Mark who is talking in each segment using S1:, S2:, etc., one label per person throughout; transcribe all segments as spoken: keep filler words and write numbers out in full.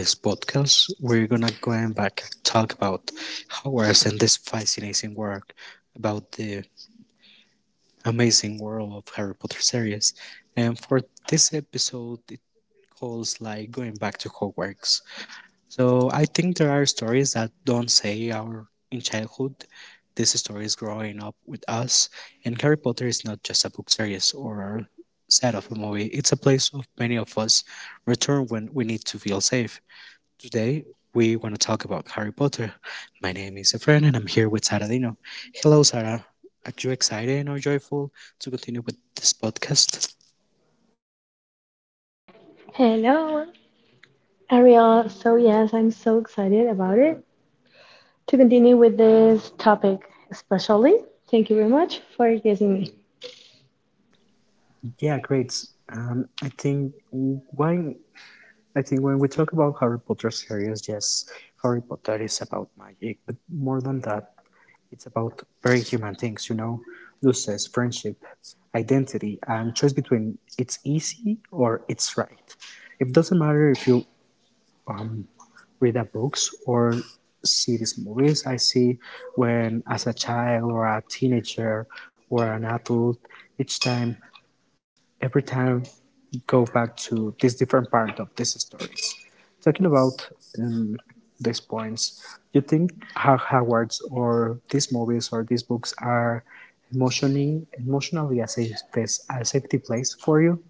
S1: This podcast, we're gonna go and back and talk about Hogwarts and this fascinating work about the amazing world of Harry Potter series. And for this episode, it calls like going back to Hogwarts. So I think there are stories that don't say our in childhood. This story is growing up with us, and Harry Potter is not just a book series or set of a movie. It's a place of many of us return when we need to feel safe. Today we want to talk about Harry Potter. My name is Efren, and I'm here with Sara Dino. Hello, Sara. Are you excited or joyful to continue with this podcast?
S2: Hello, Ariel. So, yes, I'm so excited about it to continue with this topic, especially. Thank you very much for guessing me.
S1: Yeah, great. Um, I think why I think when we talk about Harry Potter series, yes, Harry Potter is about magic, but more than that, it's about very human things, you know? Losses, friendship, identity, and choice between it's easy or it's right. It doesn't matter if you um, read the books or see these movies. I see when, as a child or a teenager or an adult, each time every time go back to this different part of these stories. Talking about um, these points, you think how Howard's or these movies or these books are emotionally emotionally a safe space, a safety place for you?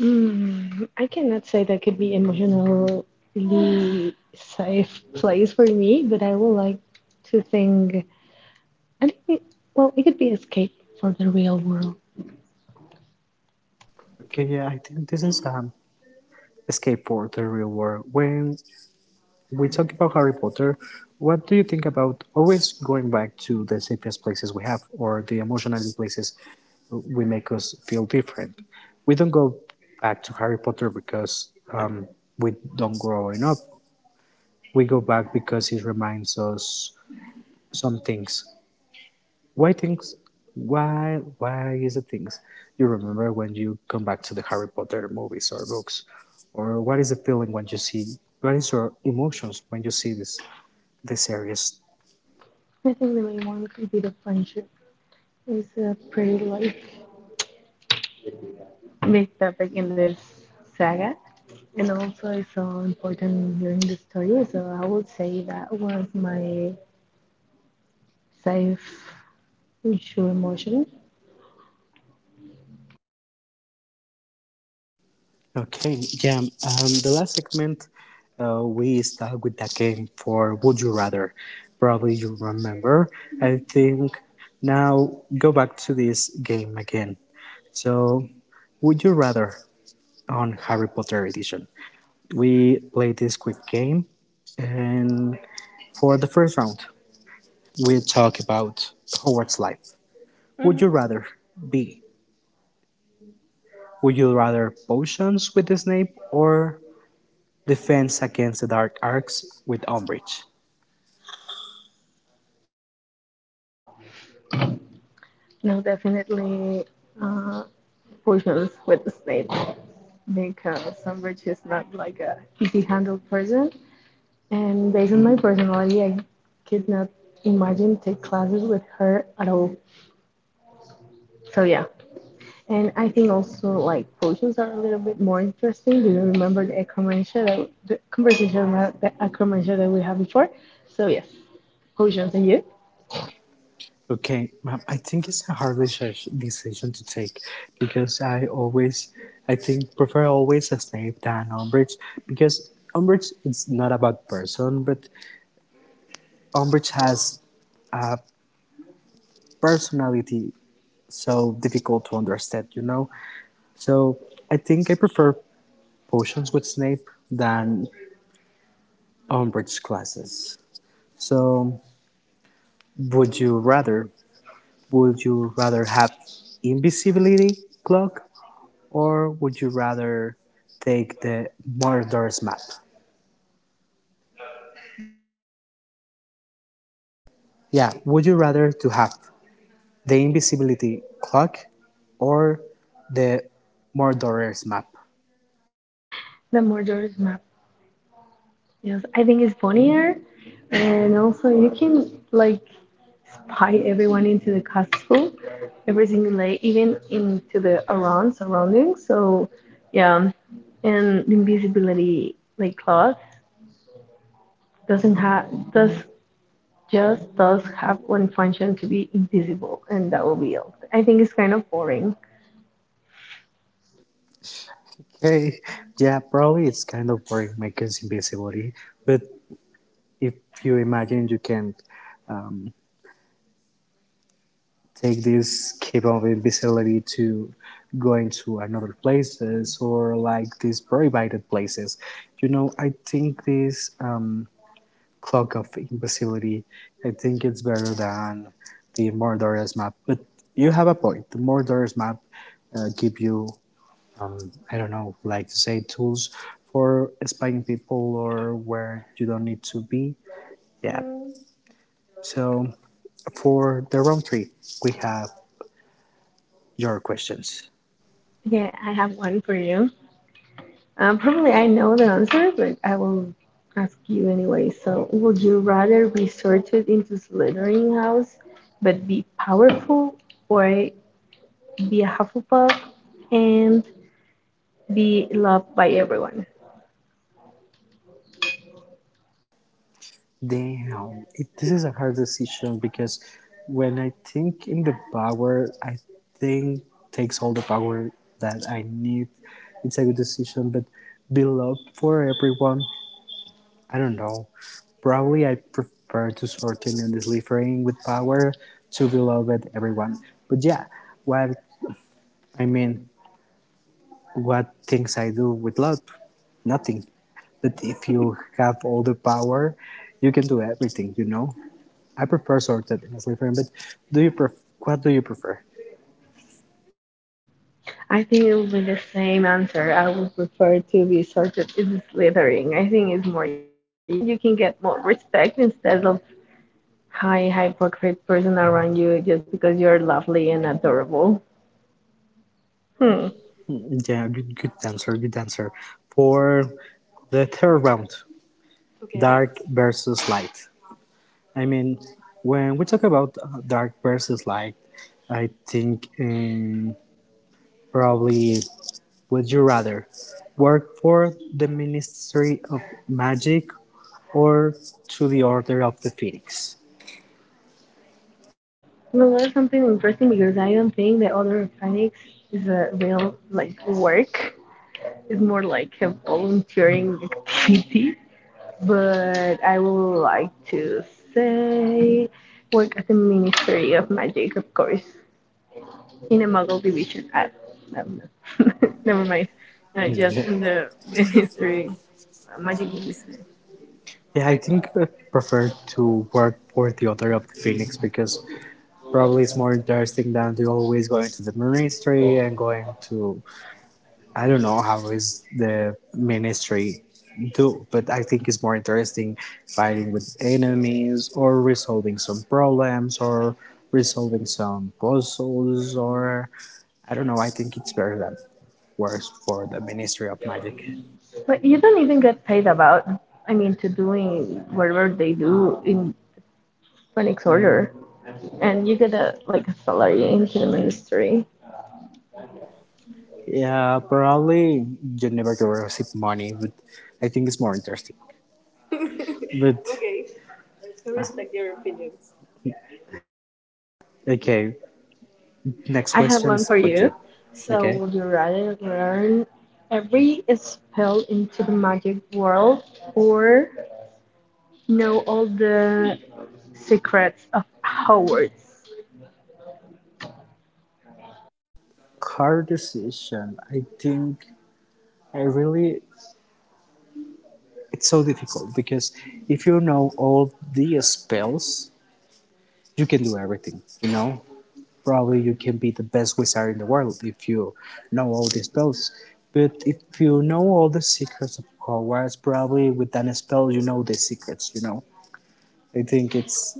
S2: Mm, I cannot say that could be emotionally safe place for me, but I would like to think, I think, well, it could be escape for the real world.
S1: Okay, yeah, I think this is um escape for the real world. When we talk about Harry Potter. What do you think about always going back to the safest places we have or the emotional places we make us feel different? We don't go back to Harry Potter because um, we don't grow up. We go back because it reminds us some things. Why things? Why? Why is it things you remember when you come back to the Harry Potter movies or books? Or what is the feeling when you see? What is your emotions when you see this this series?
S2: I think the main one could be the friendship. It's a pretty like big topic in this saga. And also, it's so important hearing the story. So I would say that was my safe issue emotion.
S1: Okay, yeah. Um, the last segment, uh, we start with that game for Would You Rather. Probably you remember. I think now go back to this game again. So, Would You Rather on Harry Potter Edition. We play this quick game, and for the first round, we talk about Howard's life. Would hmm you rather be? Would you rather potions with Snape or Defense against the Dark Arcs with Umbridge.
S2: No, definitely uh, portions with the snake because Sunbridge is not like a easy handled person. And based on my personality, I could not imagine take classes with her at all. So yeah, and I think also like potions are a little bit more interesting. Do you remember the commercial that, the conversation about the commercial that we had before? So yes, potions and you.
S1: Okay, ma'am, I think it's a hard deci- decision to take because I always, I think, prefer always a Snape than Umbridge because Umbridge is not a bad person, but Umbridge has a personality so difficult to understand, you know? So I think I prefer potions with Snape than Umbridge classes. So would you rather would you rather have invisibility cloak or would you rather take the Mordor's map? Yeah, would you rather to have the invisibility clock or the Mordor's map?
S2: The murderer's map. Yes, I think it's funnier, and also you can like spy everyone into the castle every single day, even into the around surroundings. So yeah, and the invisibility like cloth doesn't have does just does have one function to be invisible, and that will be it. I think it's kind of boring.
S1: Okay, yeah, probably it's kind of boring making invisibility, but if you imagine you can um, take this capability salary to going to another places or like these prohibited places you know i think this um, clock of invisibility I think it's better than the Mordor's map, but you have a point. The Mordor's map uh, give you, um, I don't know, like to say tools for spying people or where you don't need to be. Yeah, so for the round three we have your questions.
S2: Okay, I have one for you. Uh, probably I know the answer, but I will ask you anyway. So, would you rather be sorted into Slytherin house, but be powerful, or be a Hufflepuff and be loved by everyone?
S1: Damn, it, this is a hard decision because when I think in the power, I think takes all the power that I need. It's a good decision, but below for everyone, I don't know. Probably I prefer to shorten and delivering with power to beloved everyone. But yeah, what I mean, what things I do with love? Nothing. But if you have all the power, you can do everything, you know? I prefer sorted, honestly, friend. But do you pref- what do you prefer?
S2: I think it will be the same answer. I would prefer to be sorted into Slytherin. I think it's more useful, and you can get more respect instead of high, hypocrite person around you just because you're lovely and adorable. Hmm.
S1: Yeah, good, good answer, good answer. For the third round, dark versus light. I mean, when we talk about uh, dark versus light, I think um, probably would you rather work for the Ministry of Magic or to the Order of the Phoenix?
S2: Well, that's something interesting because I don't think that other Hispanics is a real like work. It's more like a volunteering activity. But I would like to say work at the Ministry of Magic, of course, in a Muggle division. I, no, no. Never mind. Not
S1: Yeah.
S2: just in the Ministry, uh, Magic Ministry.
S1: Yeah, I think I prefer to work for the Order of the Phoenix because probably it's more interesting than to always going to the ministry and going to I don't know how is the ministry do, but I think it's more interesting fighting with enemies or resolving some problems or resolving some puzzles or I don't know. I think it's better than works for the Ministry of Magic.
S2: But you don't even get paid about, I mean, to doing whatever they do in Phoenix Order, and you get a like a salary into the ministry.
S1: Yeah, probably you never to receive money, but I think it's more interesting. But okay, I respect your opinions. Okay, next I have
S2: I have
S1: question one
S2: one
S1: is for
S2: for
S1: about
S2: you.
S1: you. You.
S2: So
S1: Okay,
S2: would you
S1: so,
S2: rather learn every spell into the magic world or know all the secrets of Hogwarts?
S1: hard decision. I think I really it's so difficult because if you know all the spells, you can do everything. You know, probably you can be the best wizard in the world if you know all the spells. But if you know all the secrets of Hogwarts, probably with that spell you know the secrets, you know. I think it's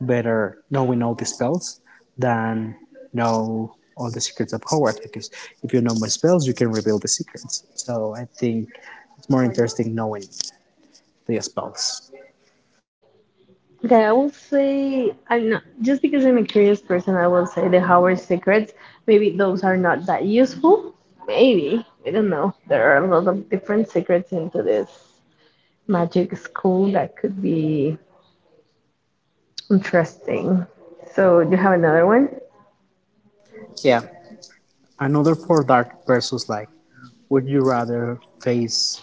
S1: better knowing all the spells than know all the secrets of Hogwarts because if you know more spells you can reveal the secrets. So I think it's more interesting knowing the spells.
S2: Okay, I will say I'm not just because I'm a curious person. I will say the Howard secrets. Maybe those are not that useful. Maybe we don't know. There are a lot of different secrets into this magic school that could be interesting. So do you have another one?
S1: Yeah. Another for dark versus like would you rather face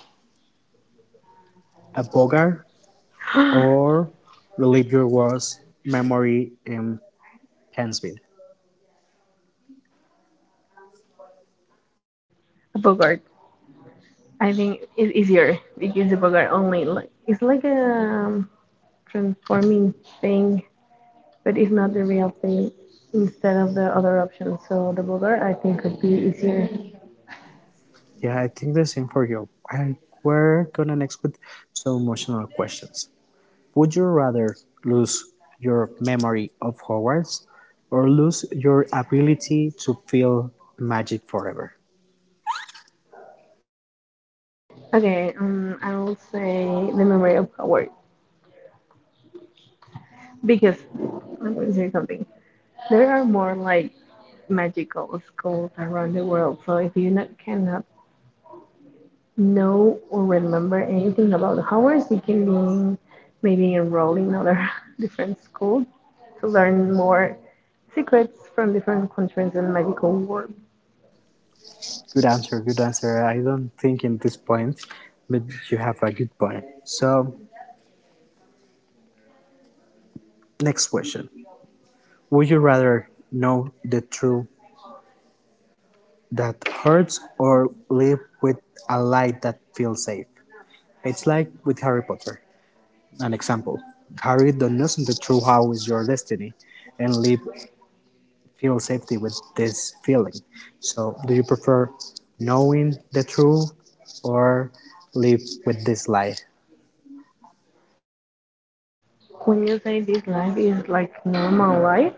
S1: a bogar
S2: a
S1: or relive your worst memory in Hansfield?
S2: Bogart. I think it's easier because the Bogart only like it's like a um, transforming thing but it's not the real thing instead of the other option. So the blogger I think could be easier.
S1: Yeah, I think the same for you. And we're gonna next with some emotional questions. Would you rather lose your memory of Hogwarts or lose your ability to feel magic forever?
S2: Okay, um, I will say the memory of Howard because I'm going to say something. There are more like magical schools around the world. So if you not, cannot know or remember anything about the Howards, you can be maybe enrolled in other different schools to learn more secrets from different countries and magical world.
S1: Good answer, good answer. I don't think in this point, but you have a good point. So, next question. Would you rather know the true that hurts or live with a light that feels safe. It's like with Harry Potter. An example. Harry doesn't know true how is your destiny and live feel safety with this feeling. So do you prefer knowing the truth or live with this lie?
S2: When you say this life is like normal life,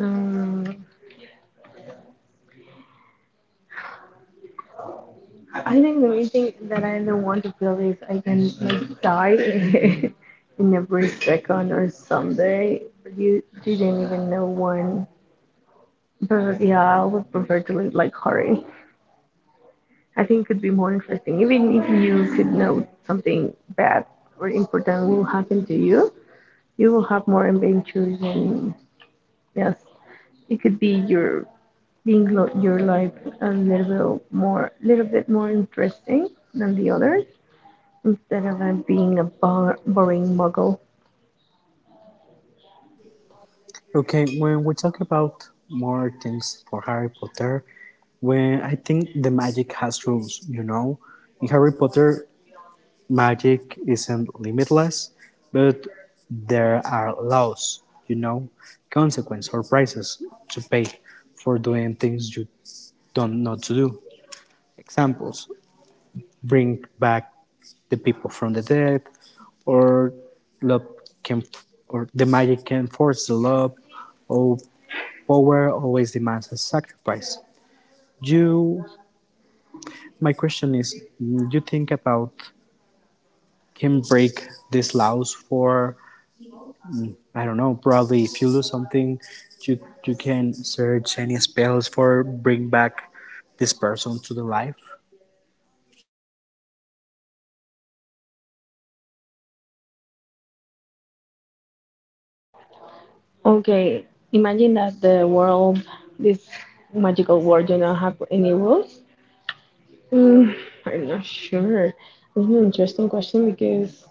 S2: um, I think the main thing that I don't want to feel is I can like die in every second or someday. You didn't even know when. But yeah, I would prefer to live like Harry. I think it could be more interesting. Even if you could know something bad or important will happen to you, you will have more adventures and yes, it could be your Being lo- your life a little bit more, little bit more interesting than the others instead of uh, being a bor- boring muggle.
S1: Okay, when we talk about more things for Harry Potter, when I think the magic has rules, you know, in Harry Potter Magic isn't limitless, but there are laws, you know, consequences or prices to pay for doing things you don't know to do. Examples bring back the people from the dead, or love can, or the magic can force the love, or power always demands a sacrifice. You, my question is, you think about can break these laws for I don't know. Probably if you lose something, you you can search any spells for bring back this person to the life.
S2: Okay, imagine that the world, this magical world, do not have any rules. Mm, I'm not sure. It's an interesting question because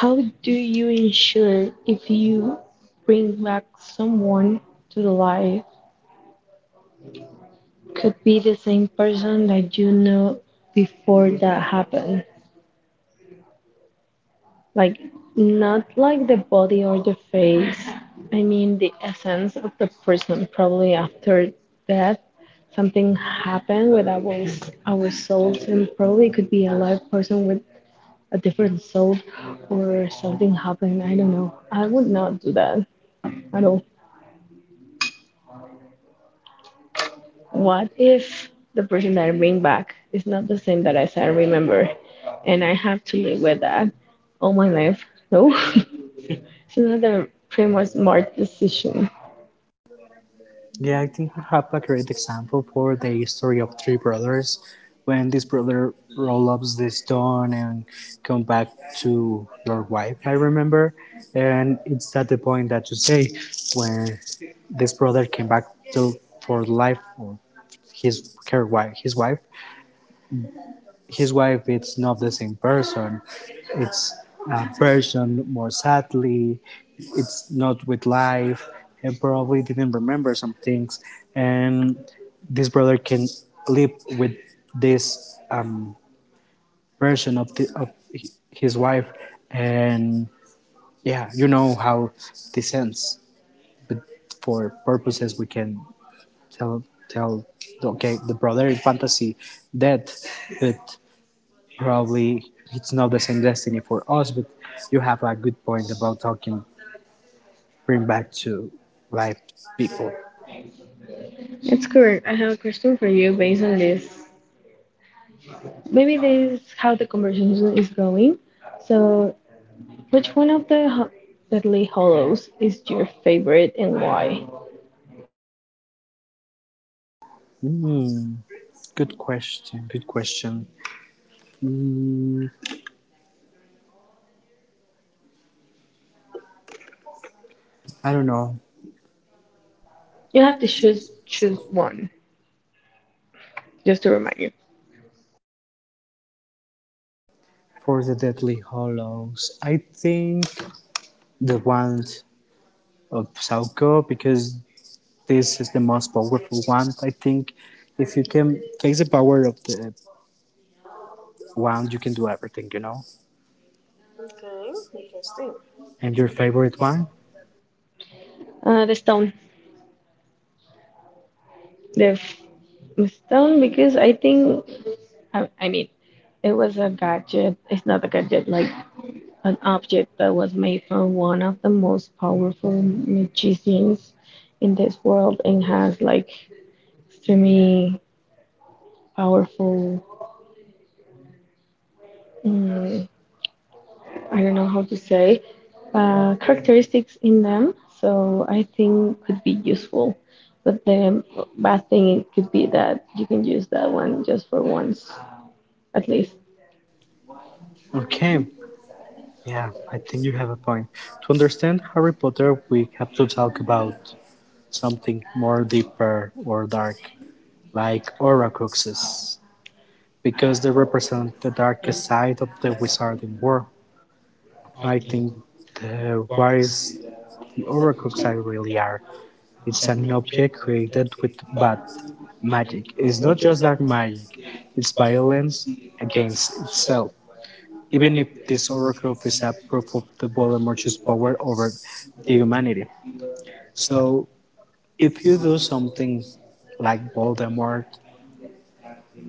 S2: how do you ensure if you bring back someone to the life could be the same person that you know before that happened? Like, not like the body or the face. I mean, the essence of the person. Probably after death something happened with our our souls, and probably it could be a live person with a different soul or something happened. I don't know. I would not do that at all. What if the person that I bring back is not the same that as I remember, and I have to live with that all my life? No. It's another pretty much smart decision.
S1: Yeah, I think we have a great example for the history of three brothers. When this brother roll up the stone and come back to your wife, I remember, and it's at the point that you say when this brother came back to for life for his her wife, his wife, his wife it's not the same person. It's a person more sadly, it's not with life and probably didn't remember some things, and this brother can live with this um, version of the of his wife, and yeah, you know how this ends. But for purposes we can tell tell okay, the brother in fantasy dead, but probably it's not the same destiny for us. But you have a good point about how can bring back to life people.
S2: It's correct. I have a question for you based on this. Maybe this is how the conversation is going. So, which one of the ho- Deadly Hollows is your favorite and why?
S1: Hmm. Good question. Good question. Hmm. I don't know.
S2: You
S1: You
S2: have
S1: have
S2: to
S1: to
S2: choose
S1: choose.
S2: choose
S1: Choose.
S2: one, just to remind you.
S1: For the Deadly Hollows, I think the one of Sauko because this is the most powerful one. I think if you can face the power of the wand, you can do everything, you know. Okay. Interesting. And your favorite one?
S2: Uh, the stone. The, f- the stone, because I think, I, I mean, it was a gadget. It's not a gadget, like an object that was made from one of the most powerful magicians in this world and has like extremely powerful, mm, I don't know how to say, uh, characteristics in them. So I think could be useful. But the bad thing could be that you can use that one just for once, at least.
S1: Okay, yeah, I think you have a point. To understand Harry Potter, we have to talk about something more deeper or dark, like Horcruxes, because they represent the darkest side of the wizarding world. I think the what is the Horcruxes really are? It's an object created with bad magic. It's not just dark magic; it's violence against itself. Even if this Oracroft is a proof of the Voldemort's power over the humanity. So if you do something like Voldemort,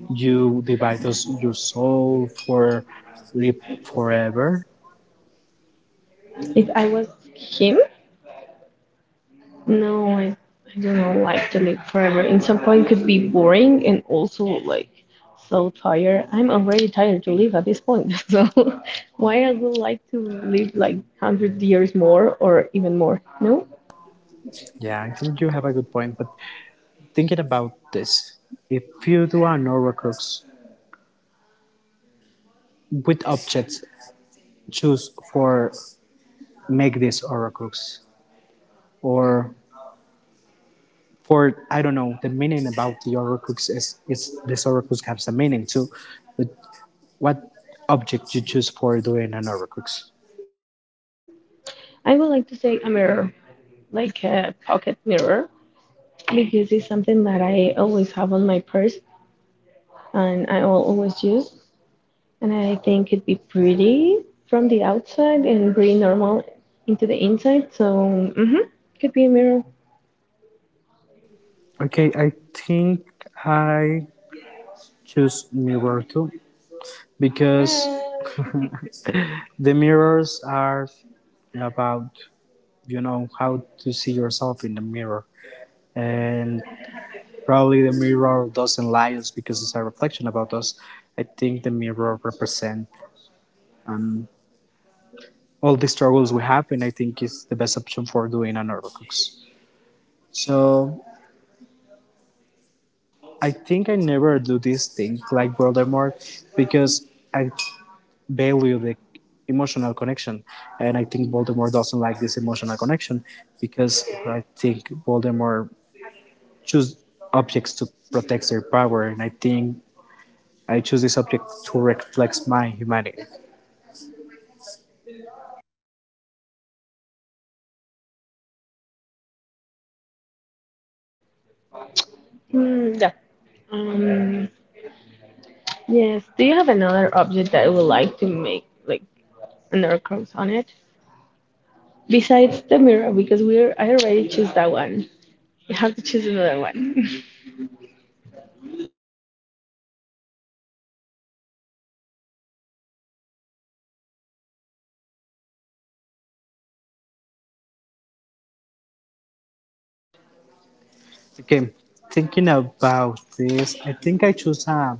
S1: you divide us, your soul for live forever.
S2: If I was him, no, I, I do not like to live forever. And some point could be boring and also like so tired. I'm already tired to live at this point. So why I would like to live like hundred years more or even more? No,
S1: Yeah, I think you have a good point. But thinking about this, if you do an Oracrux, which objects, choose for make this Oracrux? Or for I don't know, the meaning about the Oracrux is is this Oracrux has a meaning too. But what object you choose for doing an overcooks?
S2: I would like to say a mirror, like a pocket mirror, because it's something that I always have on my purse and I will always use. And I think it'd be pretty from the outside and pretty normal into the inside. So mhm, could be a mirror.
S1: Okay, I think I choose mirror too because the mirrors are about you know how to see yourself in the mirror and probably the mirror doesn't lie us because it's a reflection about us. I think the mirror represents um, all the struggles we have, and I think it's the best option for doing an overcooks. So I think I never do this thing like Voldemort because I value the emotional connection, and I think Voldemort doesn't like this emotional connection because I think Voldemort choose objects to protect their power, and I think I choose this object to reflect my humanity.
S2: Mm, yeah. Um, yes. Do you have another object that you would like to make like another cross on it besides the mirror? Because we're I already choose that one. You have to choose another one.
S1: Okay, thinking about this, I think I choose a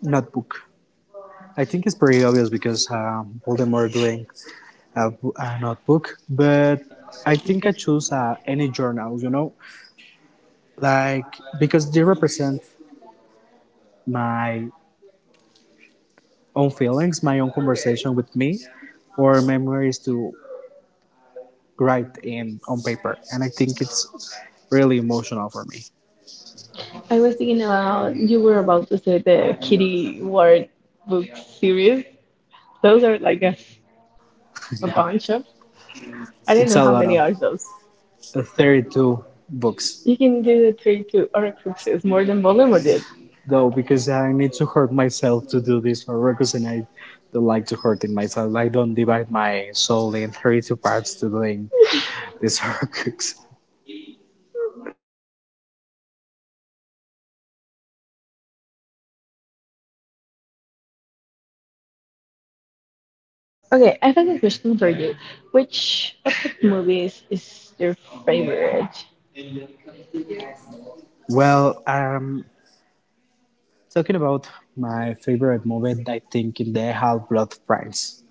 S1: notebook. I think it's pretty obvious because um, Voldemort doing a, bo- a notebook, but I think I choose uh, any journal, you know, like because they represent my own feelings, my own conversation with me, or memories to write in on paper, and I think it's really emotional for me.
S2: I was thinking about you were about to say the Kitty Ward book series. Those are like a, a bunch of. I don't
S1: It's
S2: know
S1: a
S2: how
S1: lot
S2: many
S1: of
S2: are those.
S1: uh, thirty-two books.
S2: You
S1: You
S2: can
S1: can
S2: do the
S1: do
S2: three
S1: thirty-two
S2: Horcruxes
S1: oracuses
S2: more
S1: more
S2: than
S1: than
S2: Voldemort
S1: Voldemort.
S2: did.
S1: No, because I need to hurt myself to do this Horcrux and I don't like to hurt in myself. I don't divide my soul in thirty-two parts to doing this Horcrux.
S2: Okay, I have a question for you. Which of the movies is your favorite?
S1: Well, um, talking about my favorite moment, I think in the Half Blood Prince.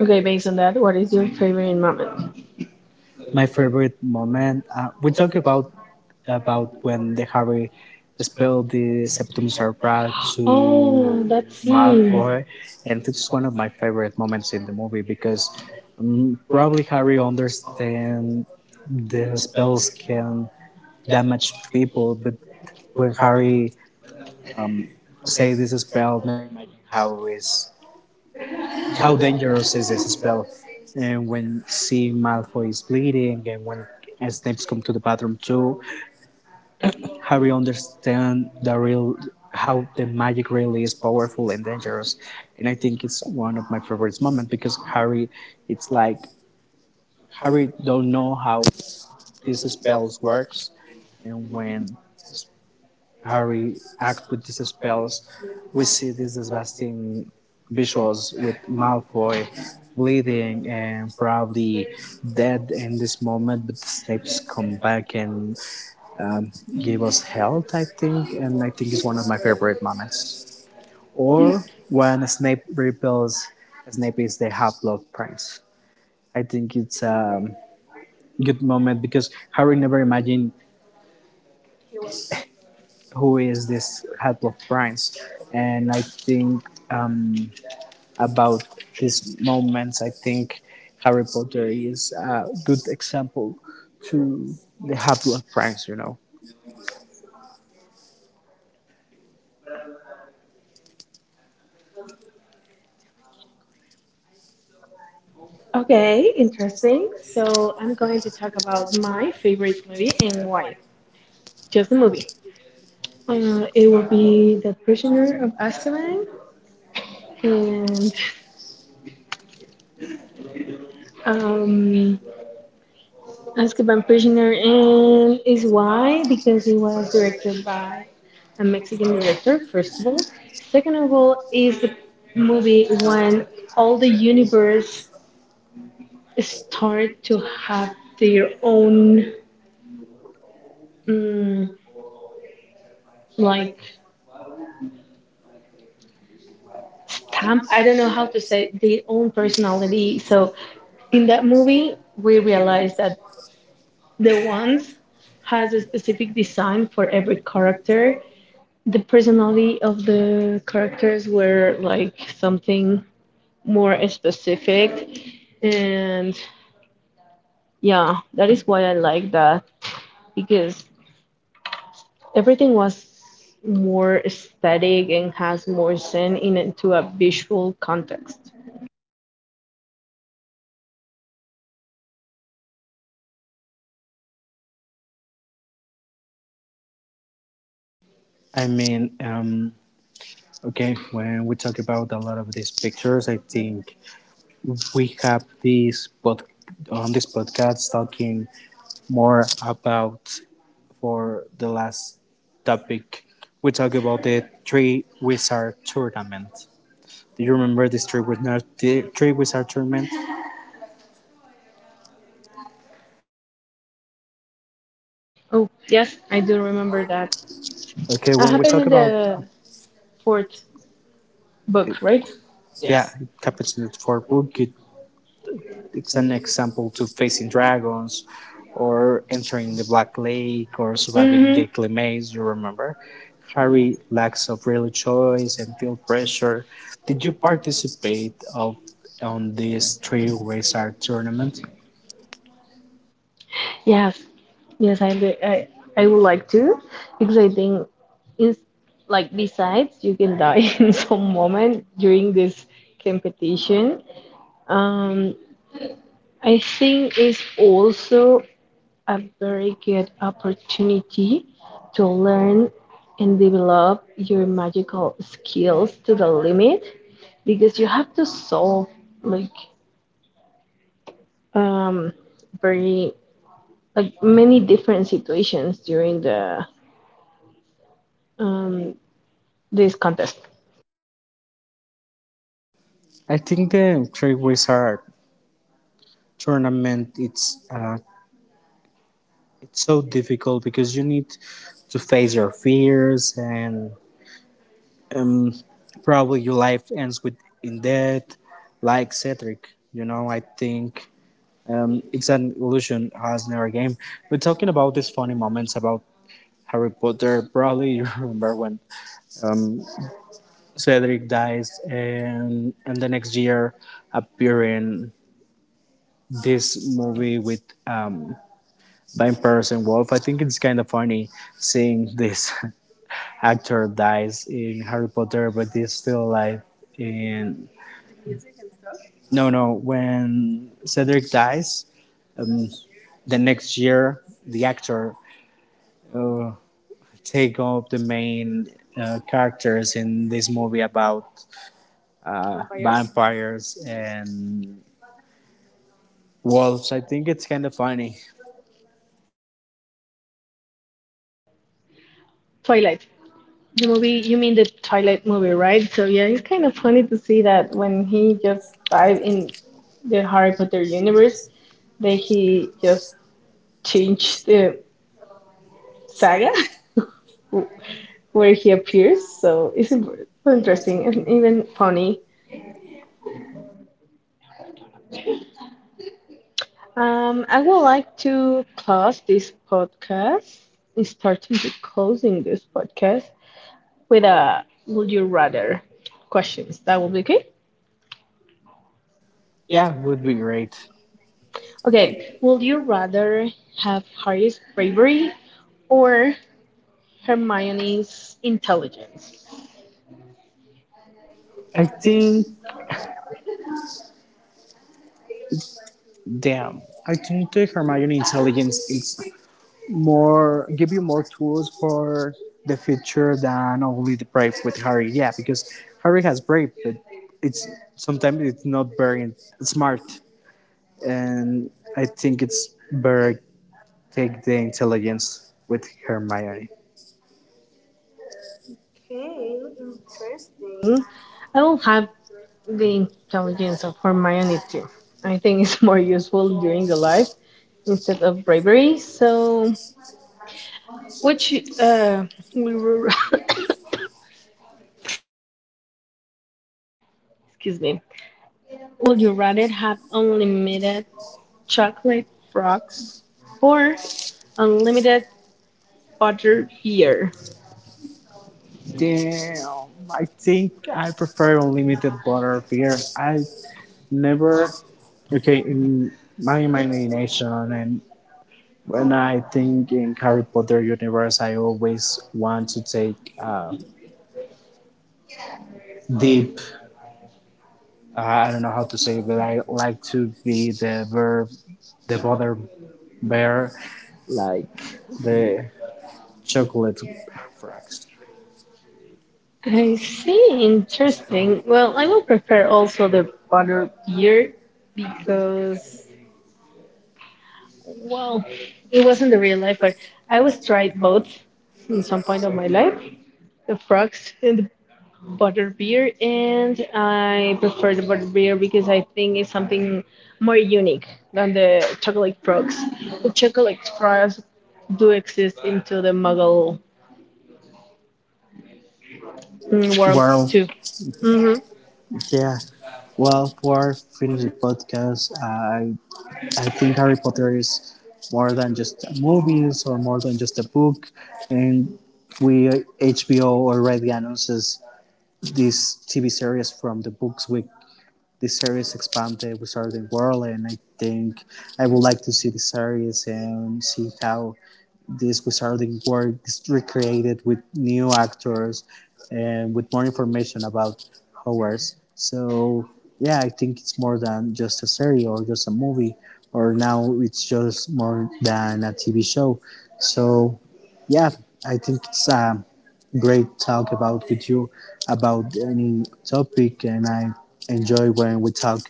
S2: Okay,
S1: Okay,
S2: based
S1: based
S2: on
S1: on
S2: that,
S1: that,
S2: what
S1: what
S2: is
S1: is
S2: your
S1: your
S2: favorite
S1: favorite
S2: moment?
S1: moment? My favorite moment. Uh, we talk about about when the Harry spelled the Septum Serpra
S2: Oh,
S1: to
S2: that's scene.
S1: Malfoy, and it's one of my favorite moments in the movie because um, probably Harry understand the spells can damage people, but when Harry say this spell, never imagine how is how dangerous is this spell. And when see Malfoy is bleeding, and when Snape's come to the bathroom too, Harry understands the real how the magic really is powerful and dangerous, and I think it's one of my favorite moments because Harry, it's like Harry don't know how these spells works, and when Harry acts with these spells, we see these devastating visuals with Malfoy bleeding and probably dead in this moment, but Snape's come back and um, gave us health, I think, and I think it's one of my favorite moments. Or when Snape repels Snape is the half Prince. I think it's um, a good moment because Harry never imagined who is this half Prince, and I think um, about these moments, I think Harry Potter is a good example to the half Prince. You know.
S2: Okay,
S1: Okay,
S2: interesting.
S1: interesting.
S2: So
S1: So
S2: I'm
S1: I'm
S2: going
S1: going
S2: to
S1: to
S2: talk
S1: talk
S2: about
S1: about
S2: my
S1: my
S2: favorite
S1: favorite
S2: movie
S1: movie and
S2: and why.
S1: why.
S2: Just a
S1: Just a
S2: movie.
S1: movie. Mm, it
S2: Uh, it will
S1: would
S2: be The
S1: be
S2: Prisoner
S1: Prisoner
S2: of
S1: of
S2: Azkaban
S1: Azkaban and um,
S2: and um, Azkaban
S1: Azkaban
S2: Prisoner
S1: Prisoner and
S2: and is
S1: his why
S2: why because
S1: because
S2: it
S1: it
S2: was
S1: was
S2: directed
S1: directed
S2: by
S1: by
S2: a
S1: a
S2: Mexican
S1: Mexican
S2: director,
S1: director
S2: first of
S1: first of
S2: all.
S1: all.
S2: Second
S1: Second
S2: of
S1: of
S2: all
S1: all
S2: is
S1: is
S2: the
S1: a
S2: movie
S1: movie
S2: when
S1: when
S2: all
S1: all
S2: the
S1: the
S2: universe
S1: universe
S2: start
S1: start
S2: to
S1: to
S2: have
S1: have
S2: their
S1: their own
S2: own mm,
S1: mm,
S2: like
S1: like
S2: stamp.
S1: um,
S2: I
S1: I
S2: don't
S1: don't
S2: know
S1: know
S2: how
S1: how
S2: to
S1: to
S2: say
S1: say
S2: it, their
S1: the
S2: own
S1: own
S2: personality.
S1: personality.
S2: So
S1: So
S2: in
S1: in
S2: that
S1: that
S2: movie,
S1: movie,
S2: we
S1: we
S2: realized
S1: realized
S2: that
S1: that
S2: the
S1: the
S2: ones
S1: ones
S2: has
S1: has
S2: a
S1: a
S2: specific
S1: specific
S2: design
S1: design
S2: for
S1: for
S2: every
S1: every
S2: character,
S1: character,
S2: the personality of the characters were like something more specific, and yeah, that is why I like that, because everything was more aesthetic and has more sense in into a visual context.
S1: I mean, um, okay, when we talk about a lot of these pictures, I think we have this pod- on this podcast talking more about for the last topic. We talk about the Three Wizard Tournament. Do you remember this Three Wizard, the Three Wizard Tournament?
S2: Oh, yes, I do remember that.
S1: Okay,
S2: That
S1: when we
S2: happened
S1: talk
S2: in talking about
S1: about,
S2: the fourth book, right?
S1: yeah, it happens for Book it it's an example to facing dragons or entering the Black Lake or surviving
S2: Mm-hmm.
S1: the Clemaze, you remember? Harry lacks of real choice and feel pressure. Did you participate of on this three wizard tournament?
S2: Yes, yes, I do. I, I would like to because I think it's like besides you can die in some moment during this competition. Um, I think it's also a very good opportunity to learn and develop your magical skills to the limit because you have to solve like um very like many different situations during the um this contest.
S1: I think the three wizard tournament it's uh, it's so difficult because you need to face your fears and um, probably your life ends with in death, like Cedric. You know, I think um, it's an illusion as never game. But talking about these funny moments about Harry Potter, probably you remember when Cedric dies, and and the next year appear in this movie with um, vampires and wolf. I think it's kind of funny seeing this actor dies in Harry Potter, but he's still alive in No, no. When Cedric dies, um, the next year, the actor uh, take up the main uh, characters in this movie about uh, vampires. Vampires and wolves. I think it's kind of funny.
S2: Twilight, the movie you mean, the Twilight movie, right? So yeah, it's kind of funny to see that when he just dive in the Harry Potter universe, then he just changed the saga where he appears, so it's in- so interesting and even funny. Um i would like to close this podcast starting to closing this podcast with a would you rather questions that will be okay.
S1: Yeah, it would be great.
S2: Okay, would you rather have Harry's bravery or Hermione's intelligence?
S1: I think. Damn. I think the Hermione intelligence is more give you more tools for the future than only the brave with Harry. Yeah, because Harry has brave, but it's sometimes it's not very smart, and I think it's better take the intelligence with Hermione.
S2: I don't have the intelligence of Hermione too. I think it's more useful during the life instead of bravery. So, which uh, will you were- excuse me, would you rather have unlimited chocolate frogs or unlimited butter beer?
S1: Damn, I think I prefer unlimited butter beer. I never okay in my imagination and when I think in Harry Potter universe, I always want to take uh, deep. Uh, I don't know how to say, it, but I like to be the bear, the bother bear, like the chocolate frogs
S2: I see, interesting. Well, I will prefer also the butter beer because, well, it wasn't the real life, but I was tried both in some point of my life, the frogs and the butter beer, and I prefer the butter beer because I think it's something more unique than the chocolate frogs. The chocolate frogs do exist into the Muggle mm, world
S1: world.
S2: too. Hmm.
S1: Yeah. Well, for finish the podcast, I I think Harry Potter is more than just movies or more than just a book, and we H B O already announces these T V series from the books. We this series expanded Wizarding World, and I think I would like to see the series and see how this Wizarding World is recreated with new actors and with more information about Hogwarts. So yeah, I think it's more than just a series or just a movie, or now it's just more than a T V show. So yeah, I think it's a great talk about with you about any topic and I enjoy when we talk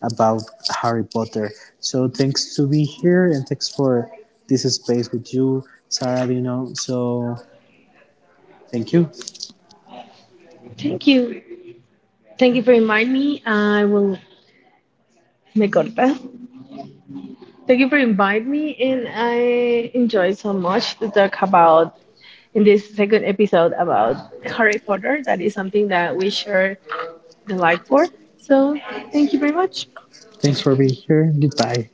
S1: about Harry Potter. So thanks to be here and thanks for this space with you, Sarah Vino. So thank you.
S2: Thank you. Thank you for reminding me. I will Me corta. Thank you for inviting me, and I enjoy so much to talk about in this second episode about Harry Potter. That is something that we share the like for. So thank you very much.
S1: Thanks for being here. Goodbye.